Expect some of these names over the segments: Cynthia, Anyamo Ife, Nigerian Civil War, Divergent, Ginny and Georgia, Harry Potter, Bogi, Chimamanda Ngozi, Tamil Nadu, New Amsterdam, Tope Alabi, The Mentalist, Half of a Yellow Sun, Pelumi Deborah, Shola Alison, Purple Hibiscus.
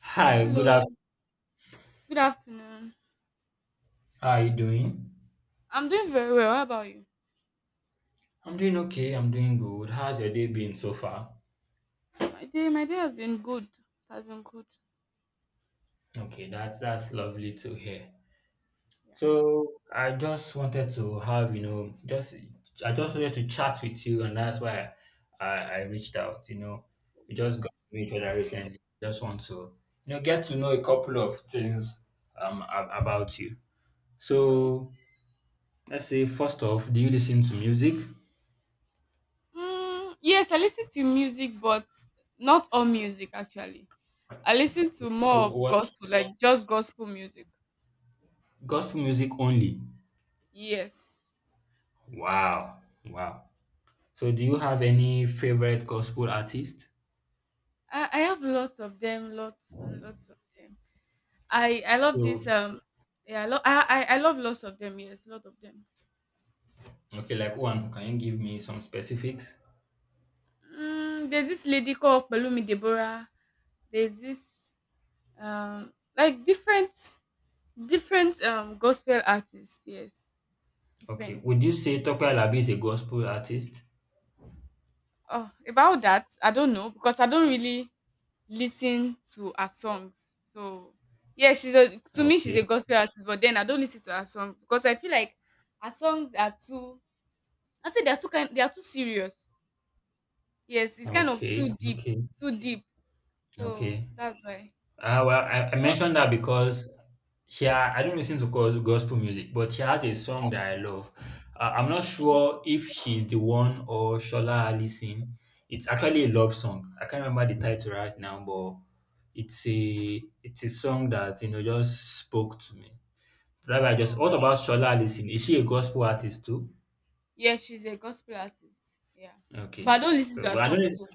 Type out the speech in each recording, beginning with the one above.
Hi, good afternoon. Hello. Good afternoon. How are you doing? I'm doing very well. How about you? I'm doing okay. I'm doing good. How's your day been so far? My day has been good. Has been good. Okay, that's lovely to hear. Yeah. So I just wanted to have you know just I just wanted to chat with you, and that's why I reached out. You know, we just got to know each other recently. Just want to get to know a couple of things about you. All right. So let's say first off, do you listen to music? Mm, yes, I listen to music, but not all music actually. I listen to more So of what gospel, like just gospel music. gospel music only? Yes, Wow. Wow. So do you have any favorite gospel artist? I have lots of them, lots and lots of them. I love this. So Yeah, I love I love lots of them. Yes, lot of them. okay, like one, can you give me some specifics? Mm, there's this lady called Pelumi Deborah. There's this like different different gospel artists, yes, Okay. different. Would you say Tope Alabi is a gospel artist? Oh, about that I don't know because I don't really listen to her songs, so yeah, she's a, to me she's Okay. a gospel artist, but then I don't listen to her songs because I feel like her songs are too, I say they're too kind, they are too serious. Yes, it's kind of Okay. too deep. Okay. Too deep, so Okay. that's why. Well, I mentioned that because she, I don't listen to gospel music, but she has a song that I love. I'm not So, sure if she's the one or Shola Alison. It's actually a love song. I can't remember the title right now, but it's a song that just spoke to me. That I just. so What about Shola Alison? Is she a gospel artist too? yeah, she's a gospel artist, yeah, but Okay. I don't listen So, to her but I song don't. too.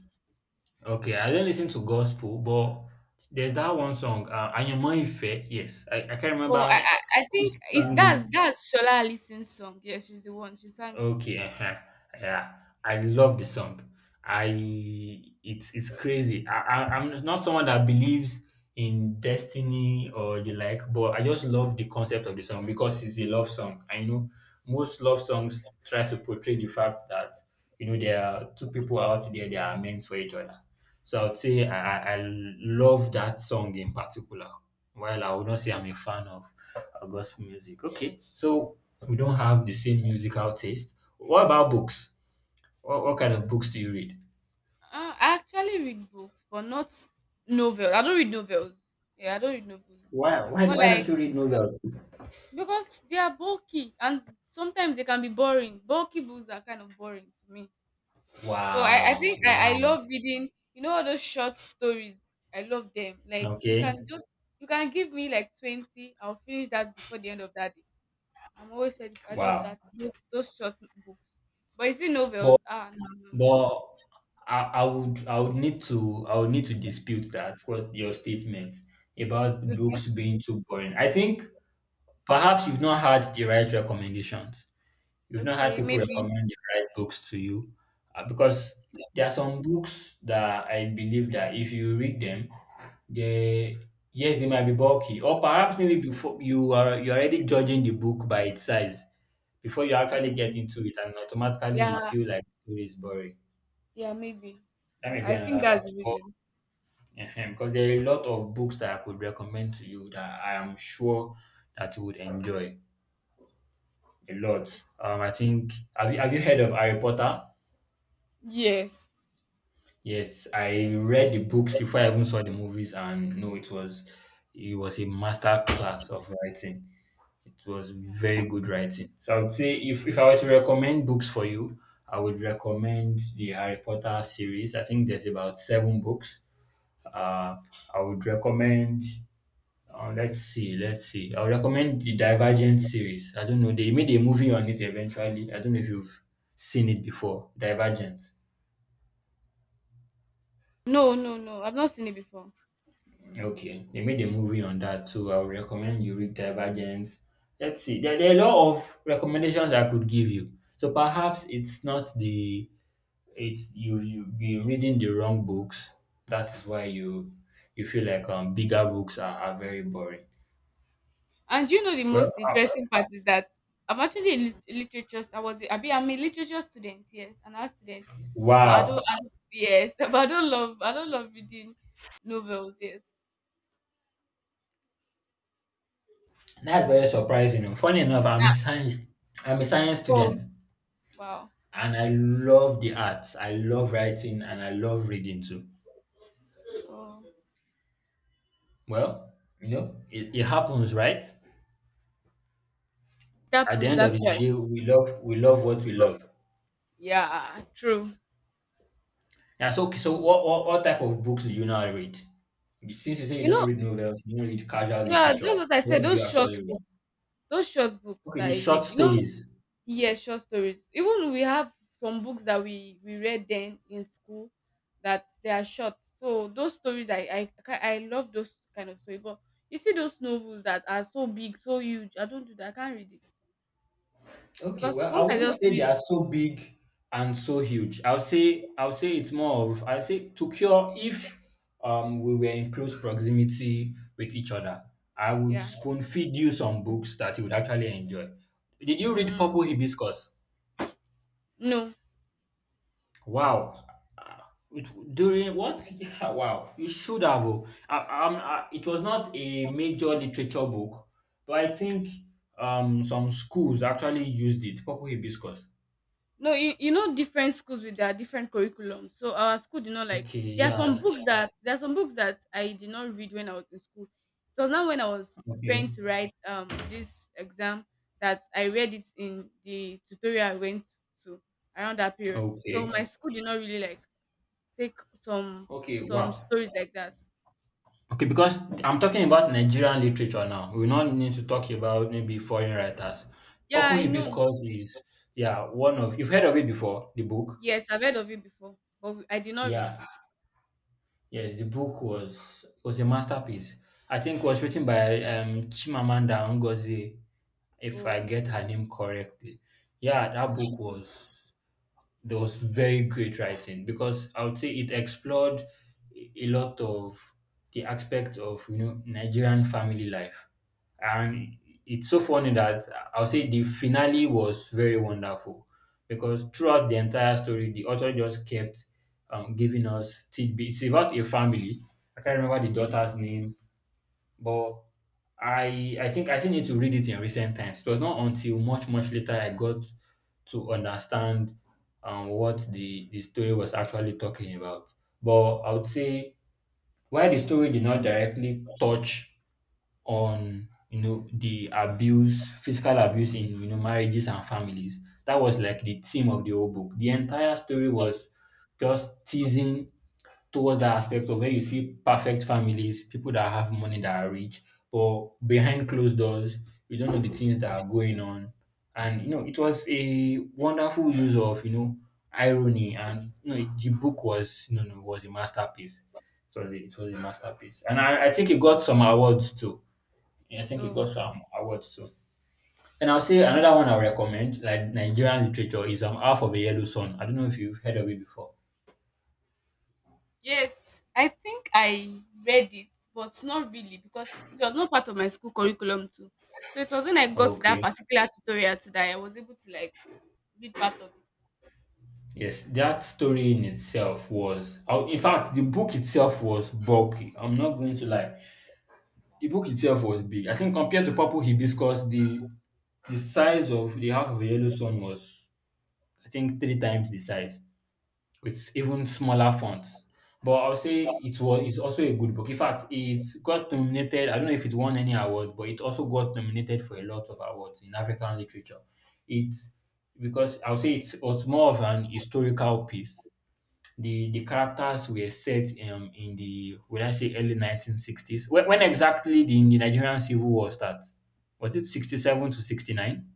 Okay, I don't listen to gospel, but there's that one song, Anyamo Ife. Yes, I can't Well, I, remember I I who think it's sang it. that's Shola Allison's song. Yeah, she's the one. She sang. Okay, uh, yeah, I love the song. I it's crazy. I'm not someone that believes in destiny or the like, but I just love the concept of the song because it's a love song. I know most love songs try to portray the fact that there are two people out there that are meant for each other, so I would say I love that song in particular, while I would not say I'm a fan of gospel music. Okay, so we don't have the same musical taste. What about books? What kind of books do you read? I actually read books, but not novels. I don't read novels. Yeah, I don't read novels. More Why like, don't you read novels? because they are bulky and sometimes they can be boring. Bulky books are kind of boring to me. So I Wow, think I wow. love reading. You know all those short stories. I love them. Like you Okay, can just, you can give me like 20. I'll finish that before the end of that day. I'm always ready. For, I love wow. that, those short books. But is it but novels? Ah, no, no, no, no. But I, I would I would need to I would need to dispute that, what your statement No. about Okay, books being too boring. I think perhaps you've not had the right recommendations. You've not had okay, people maybe, recommend the right books to you, because there are some books that I believe that if you read them, they, yes, they might be bulky, or perhaps maybe before you're already judging the book by its size before you actually get maybe. into it and automatically you Yeah, feel like it is boring. yeah, maybe. That may be I think another that's the factor. But, reason. ehem, because there are a lot of books that I could recommend to you that I am sure that you would enjoy a lot. I think have you heard of Harry Potter? Yes. Yes, I read the books before I even saw the movies, and no, it was a master class of writing. It was Yeah. very good writing. So I would say if I were to recommend books for you, I would recommend the Harry Potter series. I think there's about seven books. Uh, I would recommend let's see. I'll recommend the Divergent series. I don't know. They made a movie on it eventually. I don't know if you've seen it before. Divergent. No, no, no. I've not seen it before. Okay, they made a movie on that, so I would recommend you read Divergent. Let's see, there are a lot of recommendations I could give you. So perhaps it's not the it's you've been reading the wrong books. That is why you feel like bigger books are very boring. And you know the Well, most interesting part is that I'm actually a literature. I was a- I mean, I'm a literature student. Yes, an art student. But I don't. wow. I don't, yes, but I don't love. I don't love reading novels. Yes. That's very surprising. Oh. Funny enough, I'm a science Oh, student, wow. and I love the arts. I love writing, and I love reading too. Oh. Well, you know, it happens, right? It At the happens end of the actually. day, we love what we love. Yeah, true. Yeah. So what type of books do you now read? Since you say you You don't know, read novels, you don't read casual yeah, literature. that's what I So said. what do you actually read? Those short books Okay, that the I read. short You know, stories. yes, short stories. Even we have some books that we read then in school that they are short. So those stories, I I love those kind of stories. But you see those novels that are so big, so huge. I don't do that. I can't read it Okay, because well, I once I wouldn't just say they read, are so big and so huge. I'll say it's more of, I'll say, to cure, if we were in close proximity with each other, I would yeah, spoon feed you some books that you would actually enjoy. Did you read mm, Purple Hibiscus? no. Wow. Uh, it, during what? Yeah, wow. You should have. Oh. I, it was not a major literature book, but I think some schools actually used it. Purple Hibiscus. No, you know different schools with their different curriculum. So our school did not like, Okay, there are some yeah. books that there are some books that I did not read when I was in school. So now when I was Okay. preparing to write this exam that I read it in the tutorial I went to around that period. So Okay. my school did not really like take Okay. some Wow. stories like that. Okay, because I'm talking about Nigerian literature now. We don't need to talk about maybe foreign writers. Yeah, Purple I know. Hibiscus is, yeah, one of, you've heard of it before, the book. Yes, I've heard of it before, but I did not read it. Yeah. Yes, the book was a masterpiece. I think it was written by Chimamanda Ngozi, if I get her Okay. name correctly. Yeah, that I book see. was there was very great writing because I would say it explored a lot of the aspects of Nigerian family life, and it's so funny that I would say the finale was very wonderful because throughout the entire story, the author just kept giving us tidbits. It's about a family. I can't remember the Mhm. daughter's name, but I think I still need to read it in recent times. It was not until much, much later I got to understand what the story was actually talking about. But I would say, while the story did not directly touch on, you know, the abuse, physical abuse in, you know, marriages and families. That was like the theme of the whole book. The entire story was just teasing towards that aspect of where you see perfect families, people that have money, that are rich, but behind closed doors, you don't know the things that are going on. And you know, it was a wonderful use of, you know, irony, and you know the book was, you know, no, was a masterpiece. It was a masterpiece, and I think it got some awards too. Yeah, I think it Oh. got some awards too. And I'll say another one I recommend, like Nigerian literature, is Half of a Yellow Sun. I don't know if you've heard of it before. Yes, I think I read it, but not really because it was not part of my school curriculum too. So it was when I got to that Okay. particular tutorial too that I was able to like read part of it. Yes, that story in itself was, oh, in fact, the book itself was bulky. I'm not going to lie. The book itself was big. I think compared to Purple Hibiscus, the size of the Half of a Yellow Sun was, I think, three times the size, with even smaller fonts. But I would say it's also a good book. In fact, it got nominated. I don't know if it won any award, but it also got nominated for a lot of awards in African literature. It's because I would say was more of an historical piece. The characters were set in the, would I say, early 1960s? When exactly the Nigerian Civil War starts? Was it 67 to 69?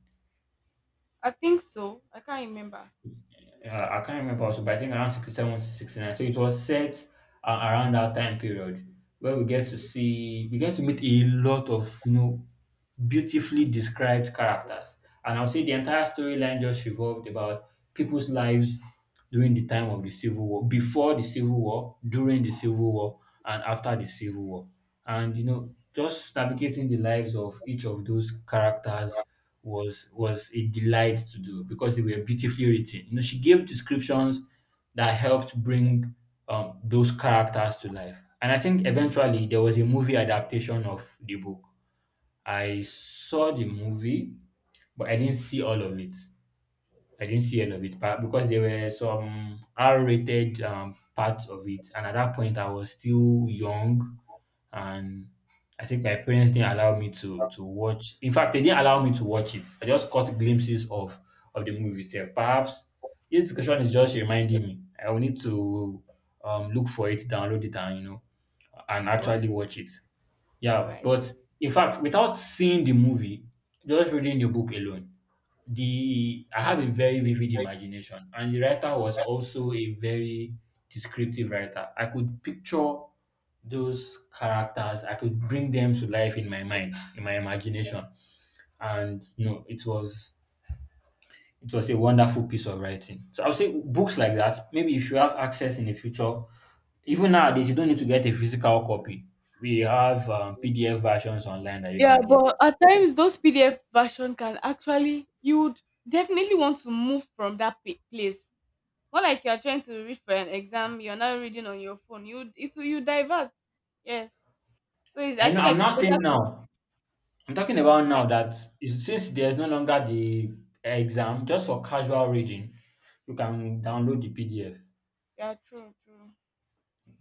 I think so. I can't remember. Uh, I can't remember also, but I think around 67 to 69. So it was set around that time period where we get to meet a lot of, you know, beautifully described characters. And I'll say the entire storyline just revolved about people's lives during the time of the Civil War, before the Civil War, during the Civil War, and after the Civil War. And you know, just navigating the lives of each of those characters was a delight to do because they were beautifully written. You know, she gave descriptions that helped bring those characters to life. And I think eventually there was a movie adaptation of the book. I saw the movie, but I didn't see all of it. I didn't see any of it because there were some R-rated parts of it, and at that point I was still young, and I think my parents didn't allow me to watch. In fact, they didn't allow me to watch it. I just caught glimpses of the movie itself. Perhaps this discussion is just reminding me. I will need to look for it, download it, and you know, and Oh, actually okay. watch it. All Yeah, right. but in fact, without seeing the movie, just reading the book alone, the, I have a very vivid imagination, and the writer was also a very descriptive writer. I could picture those characters. I could bring them to life in my mind, in my imagination, and you know, it was, it was a wonderful piece of writing. So I would say books like that. Maybe if you have access in the future, even nowadays, you don't need to get a physical copy. We have PDF versions online that you Yeah, can get. but at times those PDF version can actually, you would definitely want to move from that place. More like you're trying to read for an exam, you're not reading on your phone. You, it will, you divert. Yes. So it's, I I know feel I'm like it's not better saying to, now, I'm talking about yeah, now that is since there's no longer the exam, just for casual reading, you can download the PDF. yeah, true, true.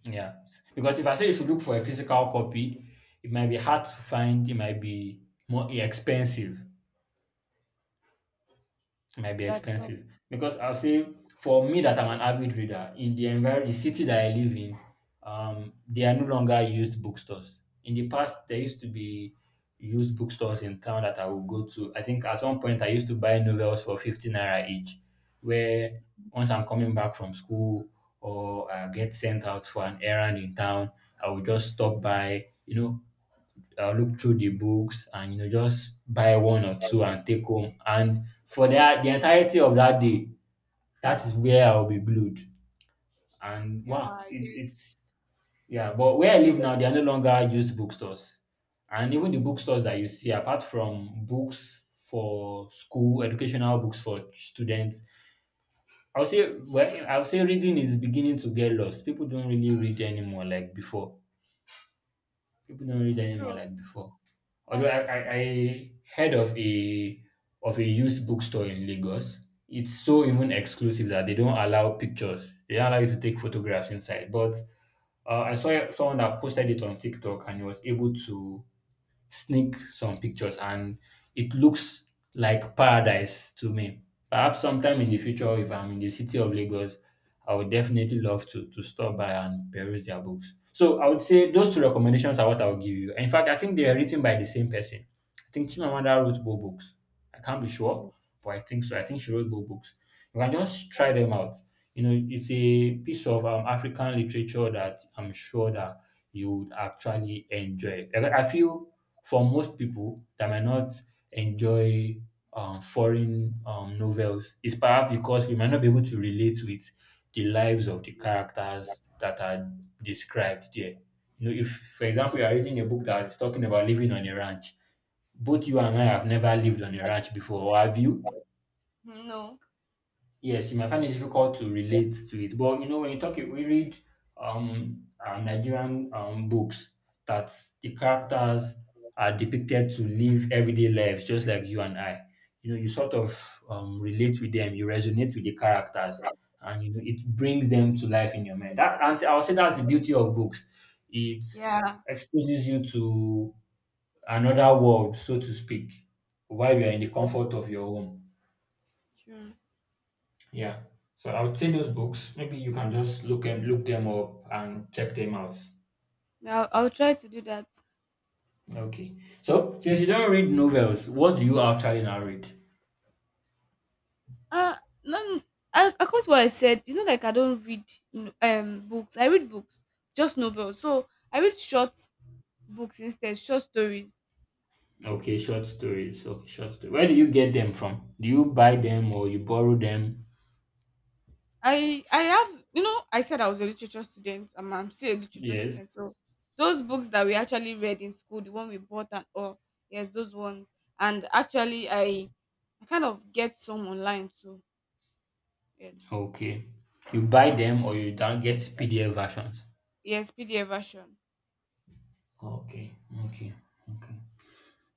Yeah. Because if I say you should look for a physical copy, it might be hard to find, it might be more expensive. Might be Yeah, true. expensive because I'll say for me that I'm an avid reader in the environment, the city that I live in, there are no longer used bookstores. In the past, there used to be used bookstores in town that I would go to. I think at one point I used to buy novels for 50 naira each, where once I'm coming back from school or I get sent out for an errand in town, I would just stop by, you know, look through the books and, you know, just buy one or two and take home. And for that, the entirety of that day, that is where I'll be glued. And Yeah, wow, I get it, it. it's yeah. But where I live now, they are no longer used bookstores, and even the bookstores that you see, apart from books for school, educational books for students, I would say, well, I would say reading is beginning to get lost. People don't really read anymore like before. People don't read anymore True. like before. Although That's I, true. I, I heard of a used bookstore in Lagos. It's so even exclusive that they don't allow pictures. They don't allow you to take photographs inside. But I saw someone that posted it on TikTok and he was able to sneak some pictures and it looks like paradise to me. Perhaps sometime in the future, if I'm in the city of Lagos, I would definitely love to stop by and peruse their books. So I would say those two recommendations are what I would give you. In fact, I think they are written by the same person. I think Chimamanda wrote both books. I can't be sure, but I think so. I think she wrote both books. You can just try them out. You know, it's a piece of African literature that I'm sure that you would actually enjoy. I feel for most people that might not enjoy foreign novels is perhaps because we might not be able to relate with the lives of the characters that are described there. You know, if, for example, you are reading a book that is talking about living on a ranch, both you and I have never lived on a ranch before, or have you? No. Yes, you might find it difficult to relate to it. But you know, when you talk, we read Nigerian books that the characters are depicted to live everyday lives, just like you and I. You know, you sort of relate with them, you resonate with the characters, and you know it brings them to life in your mind. That and I would say that's the beauty of books. It Yeah, exposes you to another world, so to speak, while you are in the comfort of your home. true. Yeah. So I would say those books, maybe you can just look them up and check them out. Yeah, I'll try to do that. Okay. So since you don't read novels, what do you actually now read? Uh, no, I according to what I said, it's not like I don't read books. I read books, just novels. So I read short books instead, short stories. Okay, short stories. Okay, short stories. Where do you get them from? Do you buy them or you borrow them? I have, you know I said I was a literature student and I'm still a literature Yes. student. So those books that we actually read in school, the one we bought and all, yes, those ones. And actually, I kind of get some online too. Yes, Okay. You buy them or you don't get PDF versions? yes, PDF version. Okay. Okay. Okay.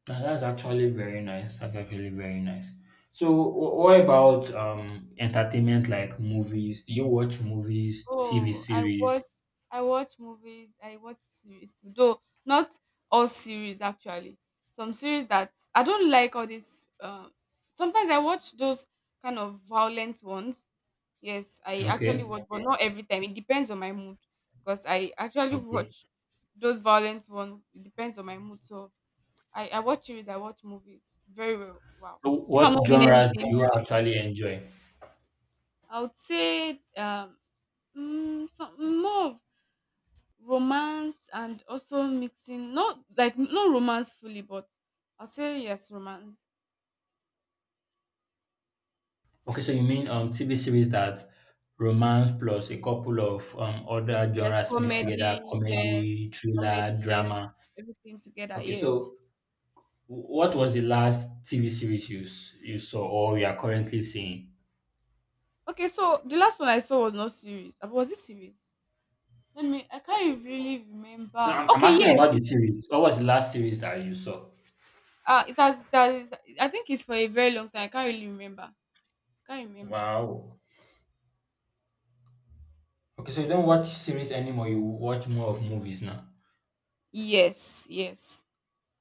Ah, that's actually very nice. That's actually very nice. So, what about entertainment like movies? Do you watch movies, TV Oh, I watch, series? I watch movies, I watch series too. Though not all series actually. Some series that I don't like all this sometimes I watch those kind of violent ones. Yes, I actually Okay, watch but not every time. It depends on my mood. Because I actually okay. watch those violent ones. It depends on my mood. So I watch series, I watch movies very well. Wow. So, If what I'm not doing genres do anything, you actually enjoy? I would say mm, some, more romance and also mixing, not like no romance fully, but I'll say yes, romance. Okay, so you mean TV series that romance plus a couple of other Yes, genres mixed comedy, together, yes, comedy, comedy, thriller, yes, drama. everything together, Okay, yes. so wh- what was the last TV series you you saw or you are currently seeing? Okay, so the last one I saw was not serious. Was it serious, let me, I can't really No, remember. I'm Okay, asking yes, about the it, series. What was the last series that you saw? uh, it has, that is, I think it's for a very long time, I can't really remember. Can't remember. Wow. Okay, so you don't watch series anymore. You watch more of movies now. Yes, yes.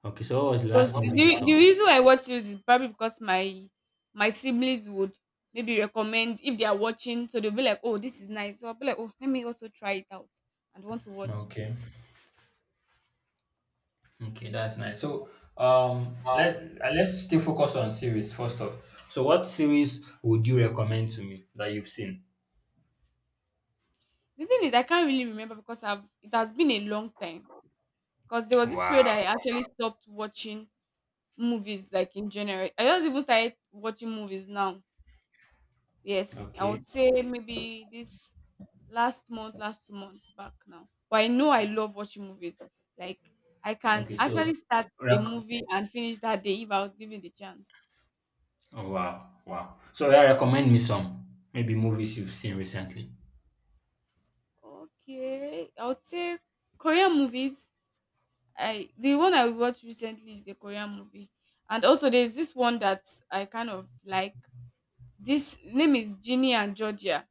Okay, so what was the So s- last movie you the the saw? reason I watch series is probably because my siblings would maybe recommend if they are watching, so they'll be like, "Oh, this is nice." So I'll be like, "Oh, let me also try it out and want to watch." Okay. Okay, that's nice. So, let let's still focus on series first off. So, what series would you recommend to me that you've seen? The thing is, I can't really remember because I've, it has been a long time. Because there was this period Wow. I actually stopped watching movies, like in general. I just even started watching movies now. Yes, I Okay. would say maybe this last month, last 2 months back now. But I know I love watching movies. Like I can Okay. So, actually start a rec- movie and finish that day if I was given the chance. oh, wow, wow. So, yeah, recommend me some maybe movies you've seen recently. Okay, I would say Korean movies. I, the one I watched recently is a Korean movie, and also there's this one that I kind of like. This name is Ginny and Georgia.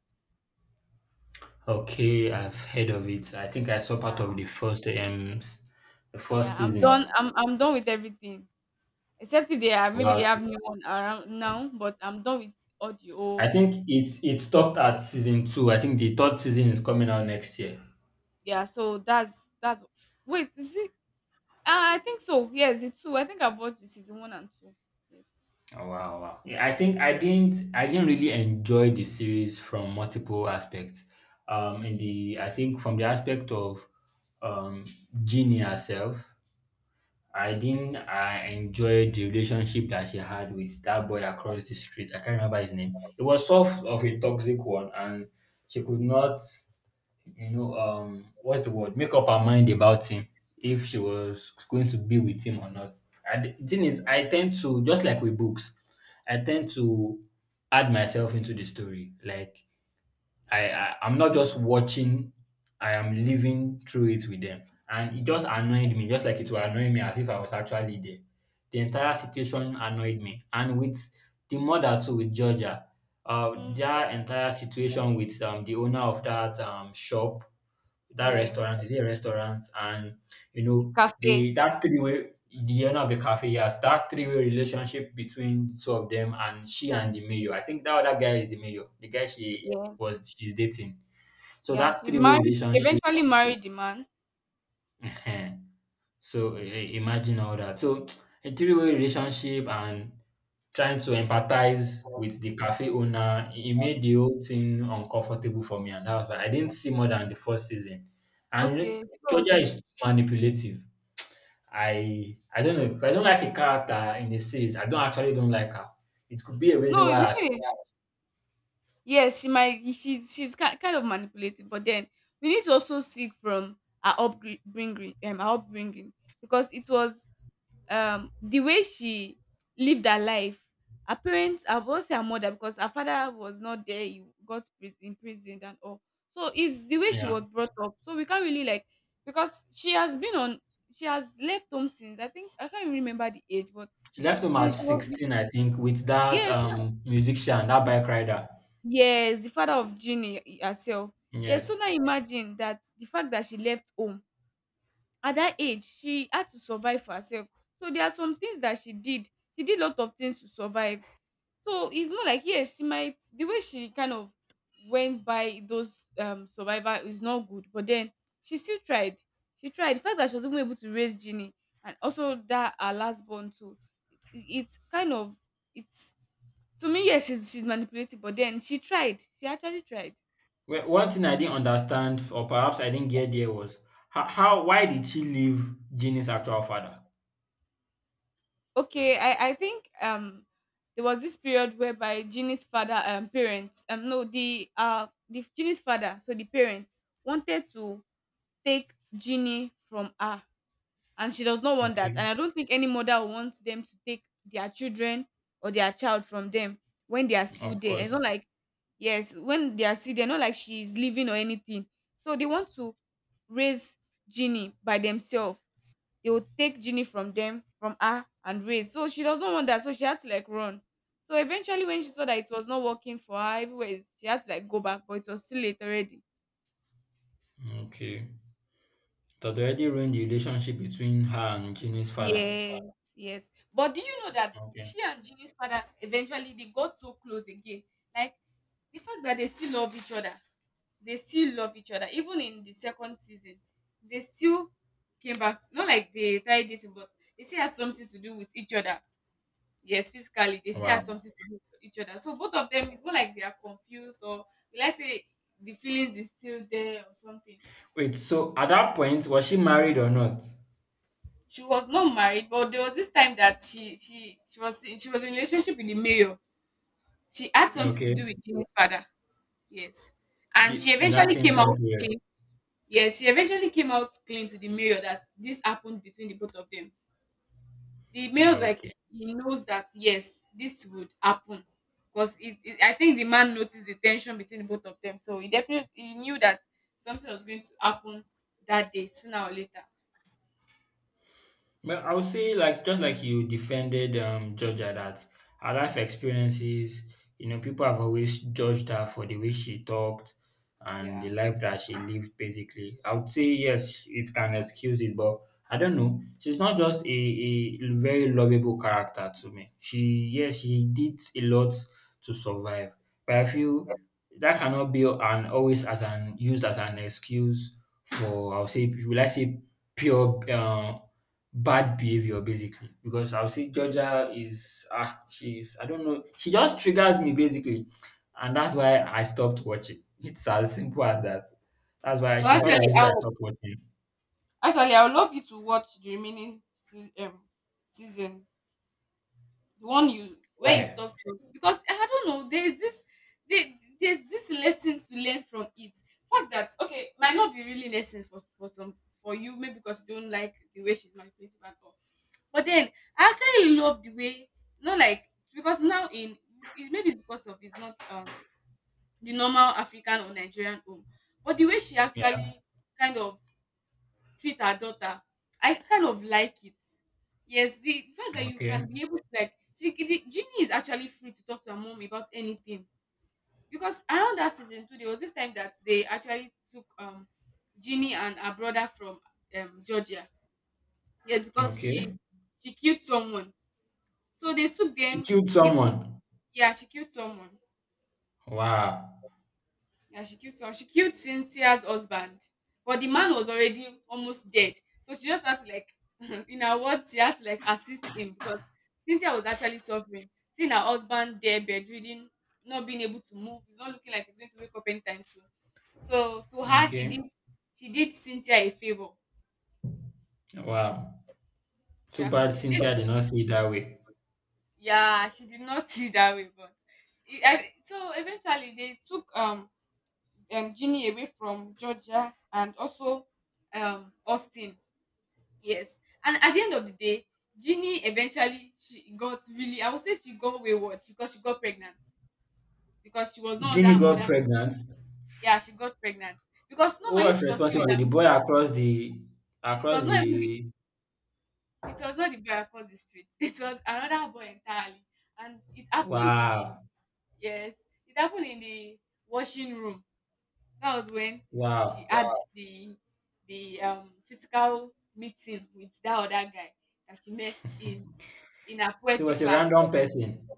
Okay, I've heard of it. I think I saw Yeah, part of the first the yeah. first I'm done. season. I'm done with everything. Except if they have, maybe they Well, have new one around now, but I'm done with I audio. think it it stopped at season two. I think the third season is coming out next year. Yeah, so that's, wait, is it, I think so. Yes, the two, I think I've watched the season one and two. Yes. Oh, wow, wow. Yeah, I think I didn't really enjoy the series from multiple aspects. In the I think from the aspect of um Ginny herself. I didn't I enjoyed the relationship that she had with that boy across the street. I can't remember his name. It was sort of a toxic one, and she could not, you know, what's the word? Make up her mind about him, if she was going to be with him or not. And the thing is, Yeah. I tend to, just like with books, I tend to add myself into the story. Like I'm not just watching, I am living through it with them. And it just annoyed me, just like it will annoy me as if I was actually there. The entire situation annoyed me. And with the mother too, with Georgia, Mm. their entire situation with the owner of that shop, that Yes. restaurant, is it a restaurant? And you know, Cafe. the that three-way the owner of the cafe, yes, that three-way relationship between the two of them and she and the mayor. I think that other guy is the mayor, the guy Yes. She's dating. So Yeah, that she three-way married, she relationship, eventually married the man. eh, so imagine all that. So a three-way relationship and trying to empathize with the cafe owner, it made the whole thing uncomfortable for me, and that was why I didn't see more than the first season. And you know, Okay, so, Georgia is manipulative. I don't know if I don't like a character in the series. I don't actually don't like her. It could be a reason no, why the I stopped. thing is, yes, she might, she's ki kind of manipulative, but then we need to also see it from her upbringing, her upbringing, because it was the way she lived her life. Her parents, I won't say her mother because her father was not there. He got imprisoned and all. So it's the way she Yeah, was brought up. So we can't really like, because she has been on. She has left home since, I think I can't even remember the age, but she left home since at she was, 16, I think, with that yes, musician, that bike rider. yes, the father of Ginny herself. Yes, Yes. so now imagine that, the fact that she left home at that age, she had to survive for herself. So there are some things that she did. She did a lot of things to survive. So it's more like, yes, she might, the way she kind of went by those survivor is not good, but then she still tried. She tried. The fact that she was even able to raise Ginny and also that her last born too, it kind of, it's, to me, yes, she's manipulative, but then she tried, she actually tried. Well, one thing I didn't understand, or perhaps I didn't get there, was how why did she leave Ginny's actual father? Okay, I think there was this period whereby Ginny's father, parents, um, no, the, uh, the Ginny's father, so the parents wanted to take Ginny from her, and she does not want that, Okay. and I don't think any mother wants them to take their children or their child from them when they are still Of there. It's course. not like, yes, when they are still there, not like she's leaving or anything. So they want to raise Ginny by themselves, they would take Ginny from them, from her, and raise. So she does not want that. So she had to like run. So eventually, when she saw that it was not working for her, she had to like go back, but it was too late already. Okay. That already ruined the relationship between her and Ginny's father. Yes, yes. But do you know that Okay. she and Ginny's father eventually they got so close again? Like the fact that they still love each other, they still love each other. Even in the second season, they still came back. Not like they tried dating, but they still had something to do with each other. Yes, physically, they still have Wow. something to do with each other. So both of them is more like they are confused, or let's say the feelings is still there or something. Wait, so at that point, was she married or not? She was not married, but there was this time that she was in a relationship with the mayor. She had something to Okay. do with Jimmy's father. Yes, and she Ye- In that eventually same came time out period. clean. Yes, she eventually came out clean to the mayor that this happened between the both of them. The males, like, Okay. he knows that yes this would happen because it I think the man noticed the tension between the both of them, so he definitely he knew that something was going to happen that day sooner or later. Well, I would say, like, just like you defended Georgia, that her life experiences, you know, people have always judged her for the way she talked and Yeah, the life that she lived basically. I would say yes, it can excuse it, but I don't know. She's not just a very lovable character to me. She, yes, she did a lot to survive. But I feel that cannot be an always as an used as an excuse for, I would say, will I say pure bad behavior basically, because I'll say Georgia is, ah, she's, I don't know, she just triggers me basically, and that's why I stopped watching. It's as simple as that. That's why but she's part of the actually reason why I I would stopped watching. actually I would love you to watch the remaining seasons, the one you where you Why? stop from, because I don't know, there's there, there's this lesson to learn from it. Fact that okay, might not be really lessons for some, for you maybe, because you don't like the way she's manipulative and all. But then I actually love the way, not like, because now in it, maybe it's because of it's not the normal African or Nigerian home, but the way she Yeah. actually kind of treat her daughter. I kind of like it. Yes, the fact that you can Okay. be able to, like, she the Ginny is actually free to talk to her mom about anything. Because around that season two, there was this time that they actually took Ginny and her brother from Georgia. Yeah, because she Okay. she killed someone. So they took She them, killed they put, someone. yeah, she killed someone. Wow. Yeah, she killed someone. She killed Cynthia's husband, but the man was already almost dead. So she just had to, like, in her words, she had to like assist him because Cynthia was actually suffering, seeing her husband there bedridden, not being able to move. It's not looking like he's going to wake up anytime soon. So to her, Okay. she did Cynthia a favor. Wow. Too Yeah, so bad she did. Cynthia did not see it that way. Yeah, she did not see it that way, but so eventually they took Ginny away from Georgia and also Austin. Yes. And at the end of the day, Ginny eventually she got really, I would say she got wayward because she got pregnant. Because she was not under Ginny her got mother. pregnant. Yeah, she got pregnant. Because Who normally if was she was still with responsible? her The boy mother, across the it was across not even the, the it was not the boy across the street. It was another boy entirely. And it happened in the wow. yes, it happened in the washing room. That was when she Wow. had Wow. the physical meeting with that other guy that she met in her So it poetry was a class. random person.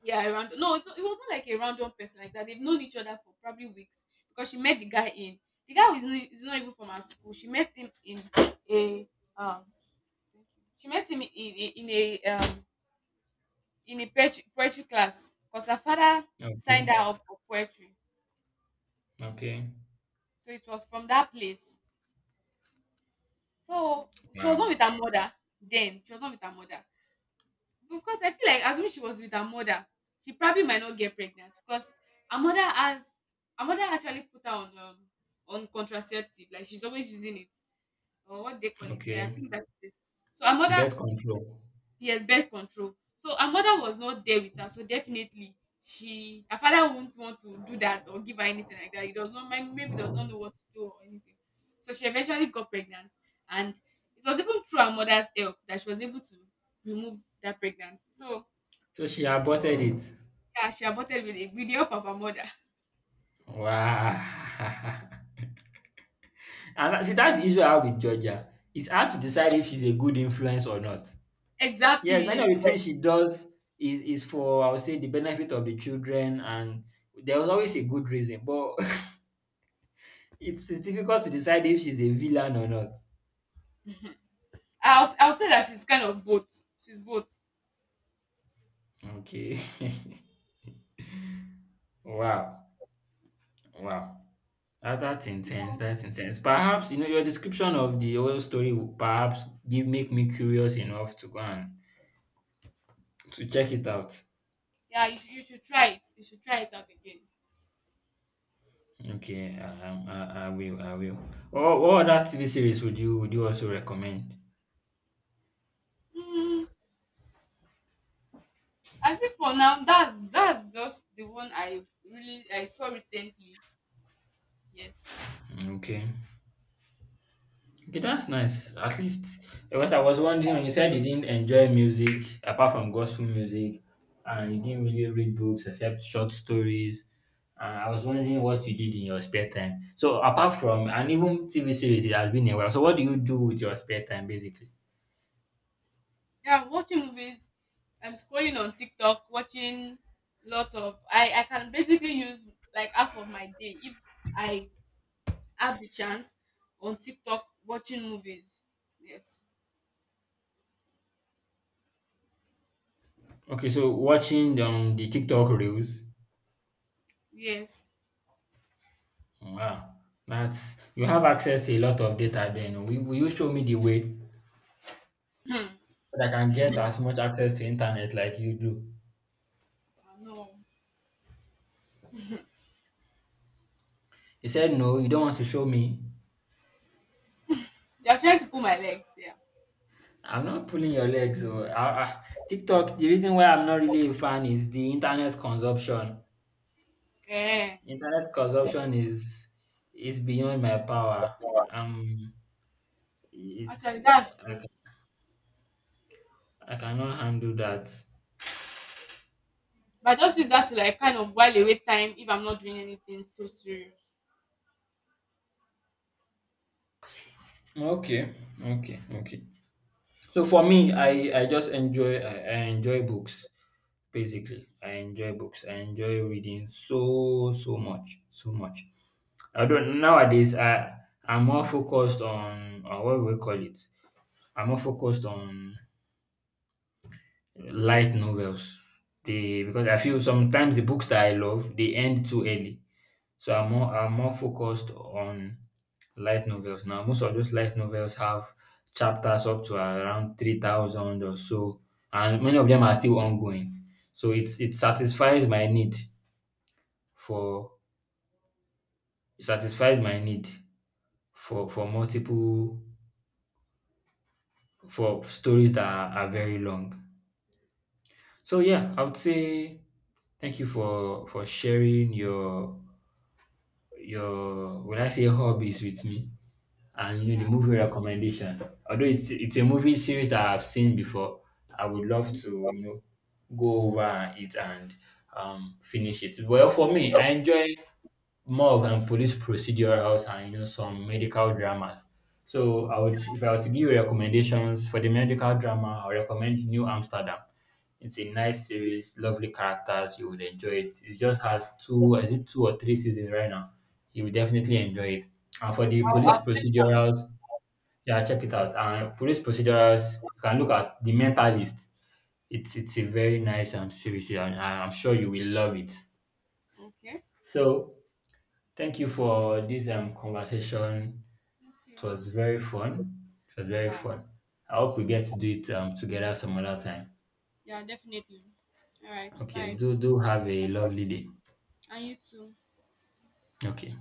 Yeah, a random. No, it wasn't like a random person like that. They've known each other for probably weeks because she met the guy in the guy who is not even from her school. She met him in a um. She met him in a poetry class because her father signed her Okay. up for poetry. Okay. So it was from that place. So she was Wow. not with her mother then. She was not with her mother. Because I feel like as when she was with her mother, she probably might not get pregnant because her mother has her mother actually put her on contraceptive, like she's always using it or what they call it. I Okay. think that's it. So her mother Birth control. Yes, birth control. So her mother was not there with her, so definitely she her father won't want to do that or give her anything like that. He does not mind, maybe does not know what to do or anything. So she eventually got pregnant, and it was even through her mother's help that she was able to remove that pregnancy. So So she aborted it. yeah, she aborted with with the help of her mother. Wow. and see, that's the issue I have with Georgia. It's hard to decide if she's a good influence or not. Yes, many Exactly. of the things she does is for, I would say, the benefit of the children, and there was always a good reason. But it's difficult to decide if she's a villain or not. I'll say that she's kind of both. She's both. Okay. wow. Wow. Ah, that's intense. That's intense. Perhaps, you know, your description of the oil story will perhaps give make me curious enough to go and to check it out. Yeah, you should try it. You should try it out again. Okay, I will, I will. What other TV series would you also recommend? Mm, I think for now that's just the one I really I saw recently. Yes. Okay. Okay, that's nice. At least because I was wondering when you said you didn't enjoy music apart from gospel music, and you didn't really read books except short stories. I was wondering what you did in your spare time. So apart from and even TV series, it has been a while. So what do you do with your spare time, basically? Yeah, watching movies. I'm scrolling on TikTok, watching lots of I can basically use like half of my day if I have the chance on TikTok watching movies. Yes. Okay, so watching the TikTok reels. Yes. Wow, that's you have access to a lot of data. Then will you show me the way that I can get as much access to internet like you do? I know. He said, no, you don't want to show me. They are trying to pull my legs. Yeah. I'm not pulling your legs. Oh. TikTok, the reason why I'm not really a fan is the internet consumption. Eh. Internet consumption is beyond my power. Um, Actually, it's that's I, true. ca- I cannot handle that. But I just use that to like kind of while away time if I'm not doing anything so serious. Okay, okay, okay. So for me, I just enjoy I enjoy books basically. I enjoy books. I enjoy reading so so much, so much. I don't nowadays. I'm more focused on what we call it. I'm more focused on light novels. They because I feel sometimes the books that I love they end too early. So I'm more focused on light novels now. Most of those light novels have chapters up to around 3,000 or so, and many of them are still ongoing. So it's for it satisfies my need for multiple for stories that are very long. So yeah, I would say thank you for sharing your when I say hobbies with me, and you know, the Yeah. movie recommendation. Although it's a movie series that I've seen before, I would love Mhm. to, you know, go over it and finish it. Well, for me, I enjoy more of police procedurals and you know some medical dramas. So I would, if I were to give recommendations for the medical drama, I would recommend New Amsterdam. It's a nice series, lovely characters. You would enjoy it. It just has two, is it two or three seasons right now? You will definitely enjoy it. And for the I'll police check it out. procedurals, yeah, check it out. And police procedurals, you can look at The Mentalist. It's a very nice series, yeah, and I'm sure you will love it. Okay. So thank you for this conversation. Thank you. It was very fun. It was very Yeah. fun. I hope we get to do it together some other time. Yeah, definitely. All right. Okay. Bye. Do do have a lovely day. And you too. Okay.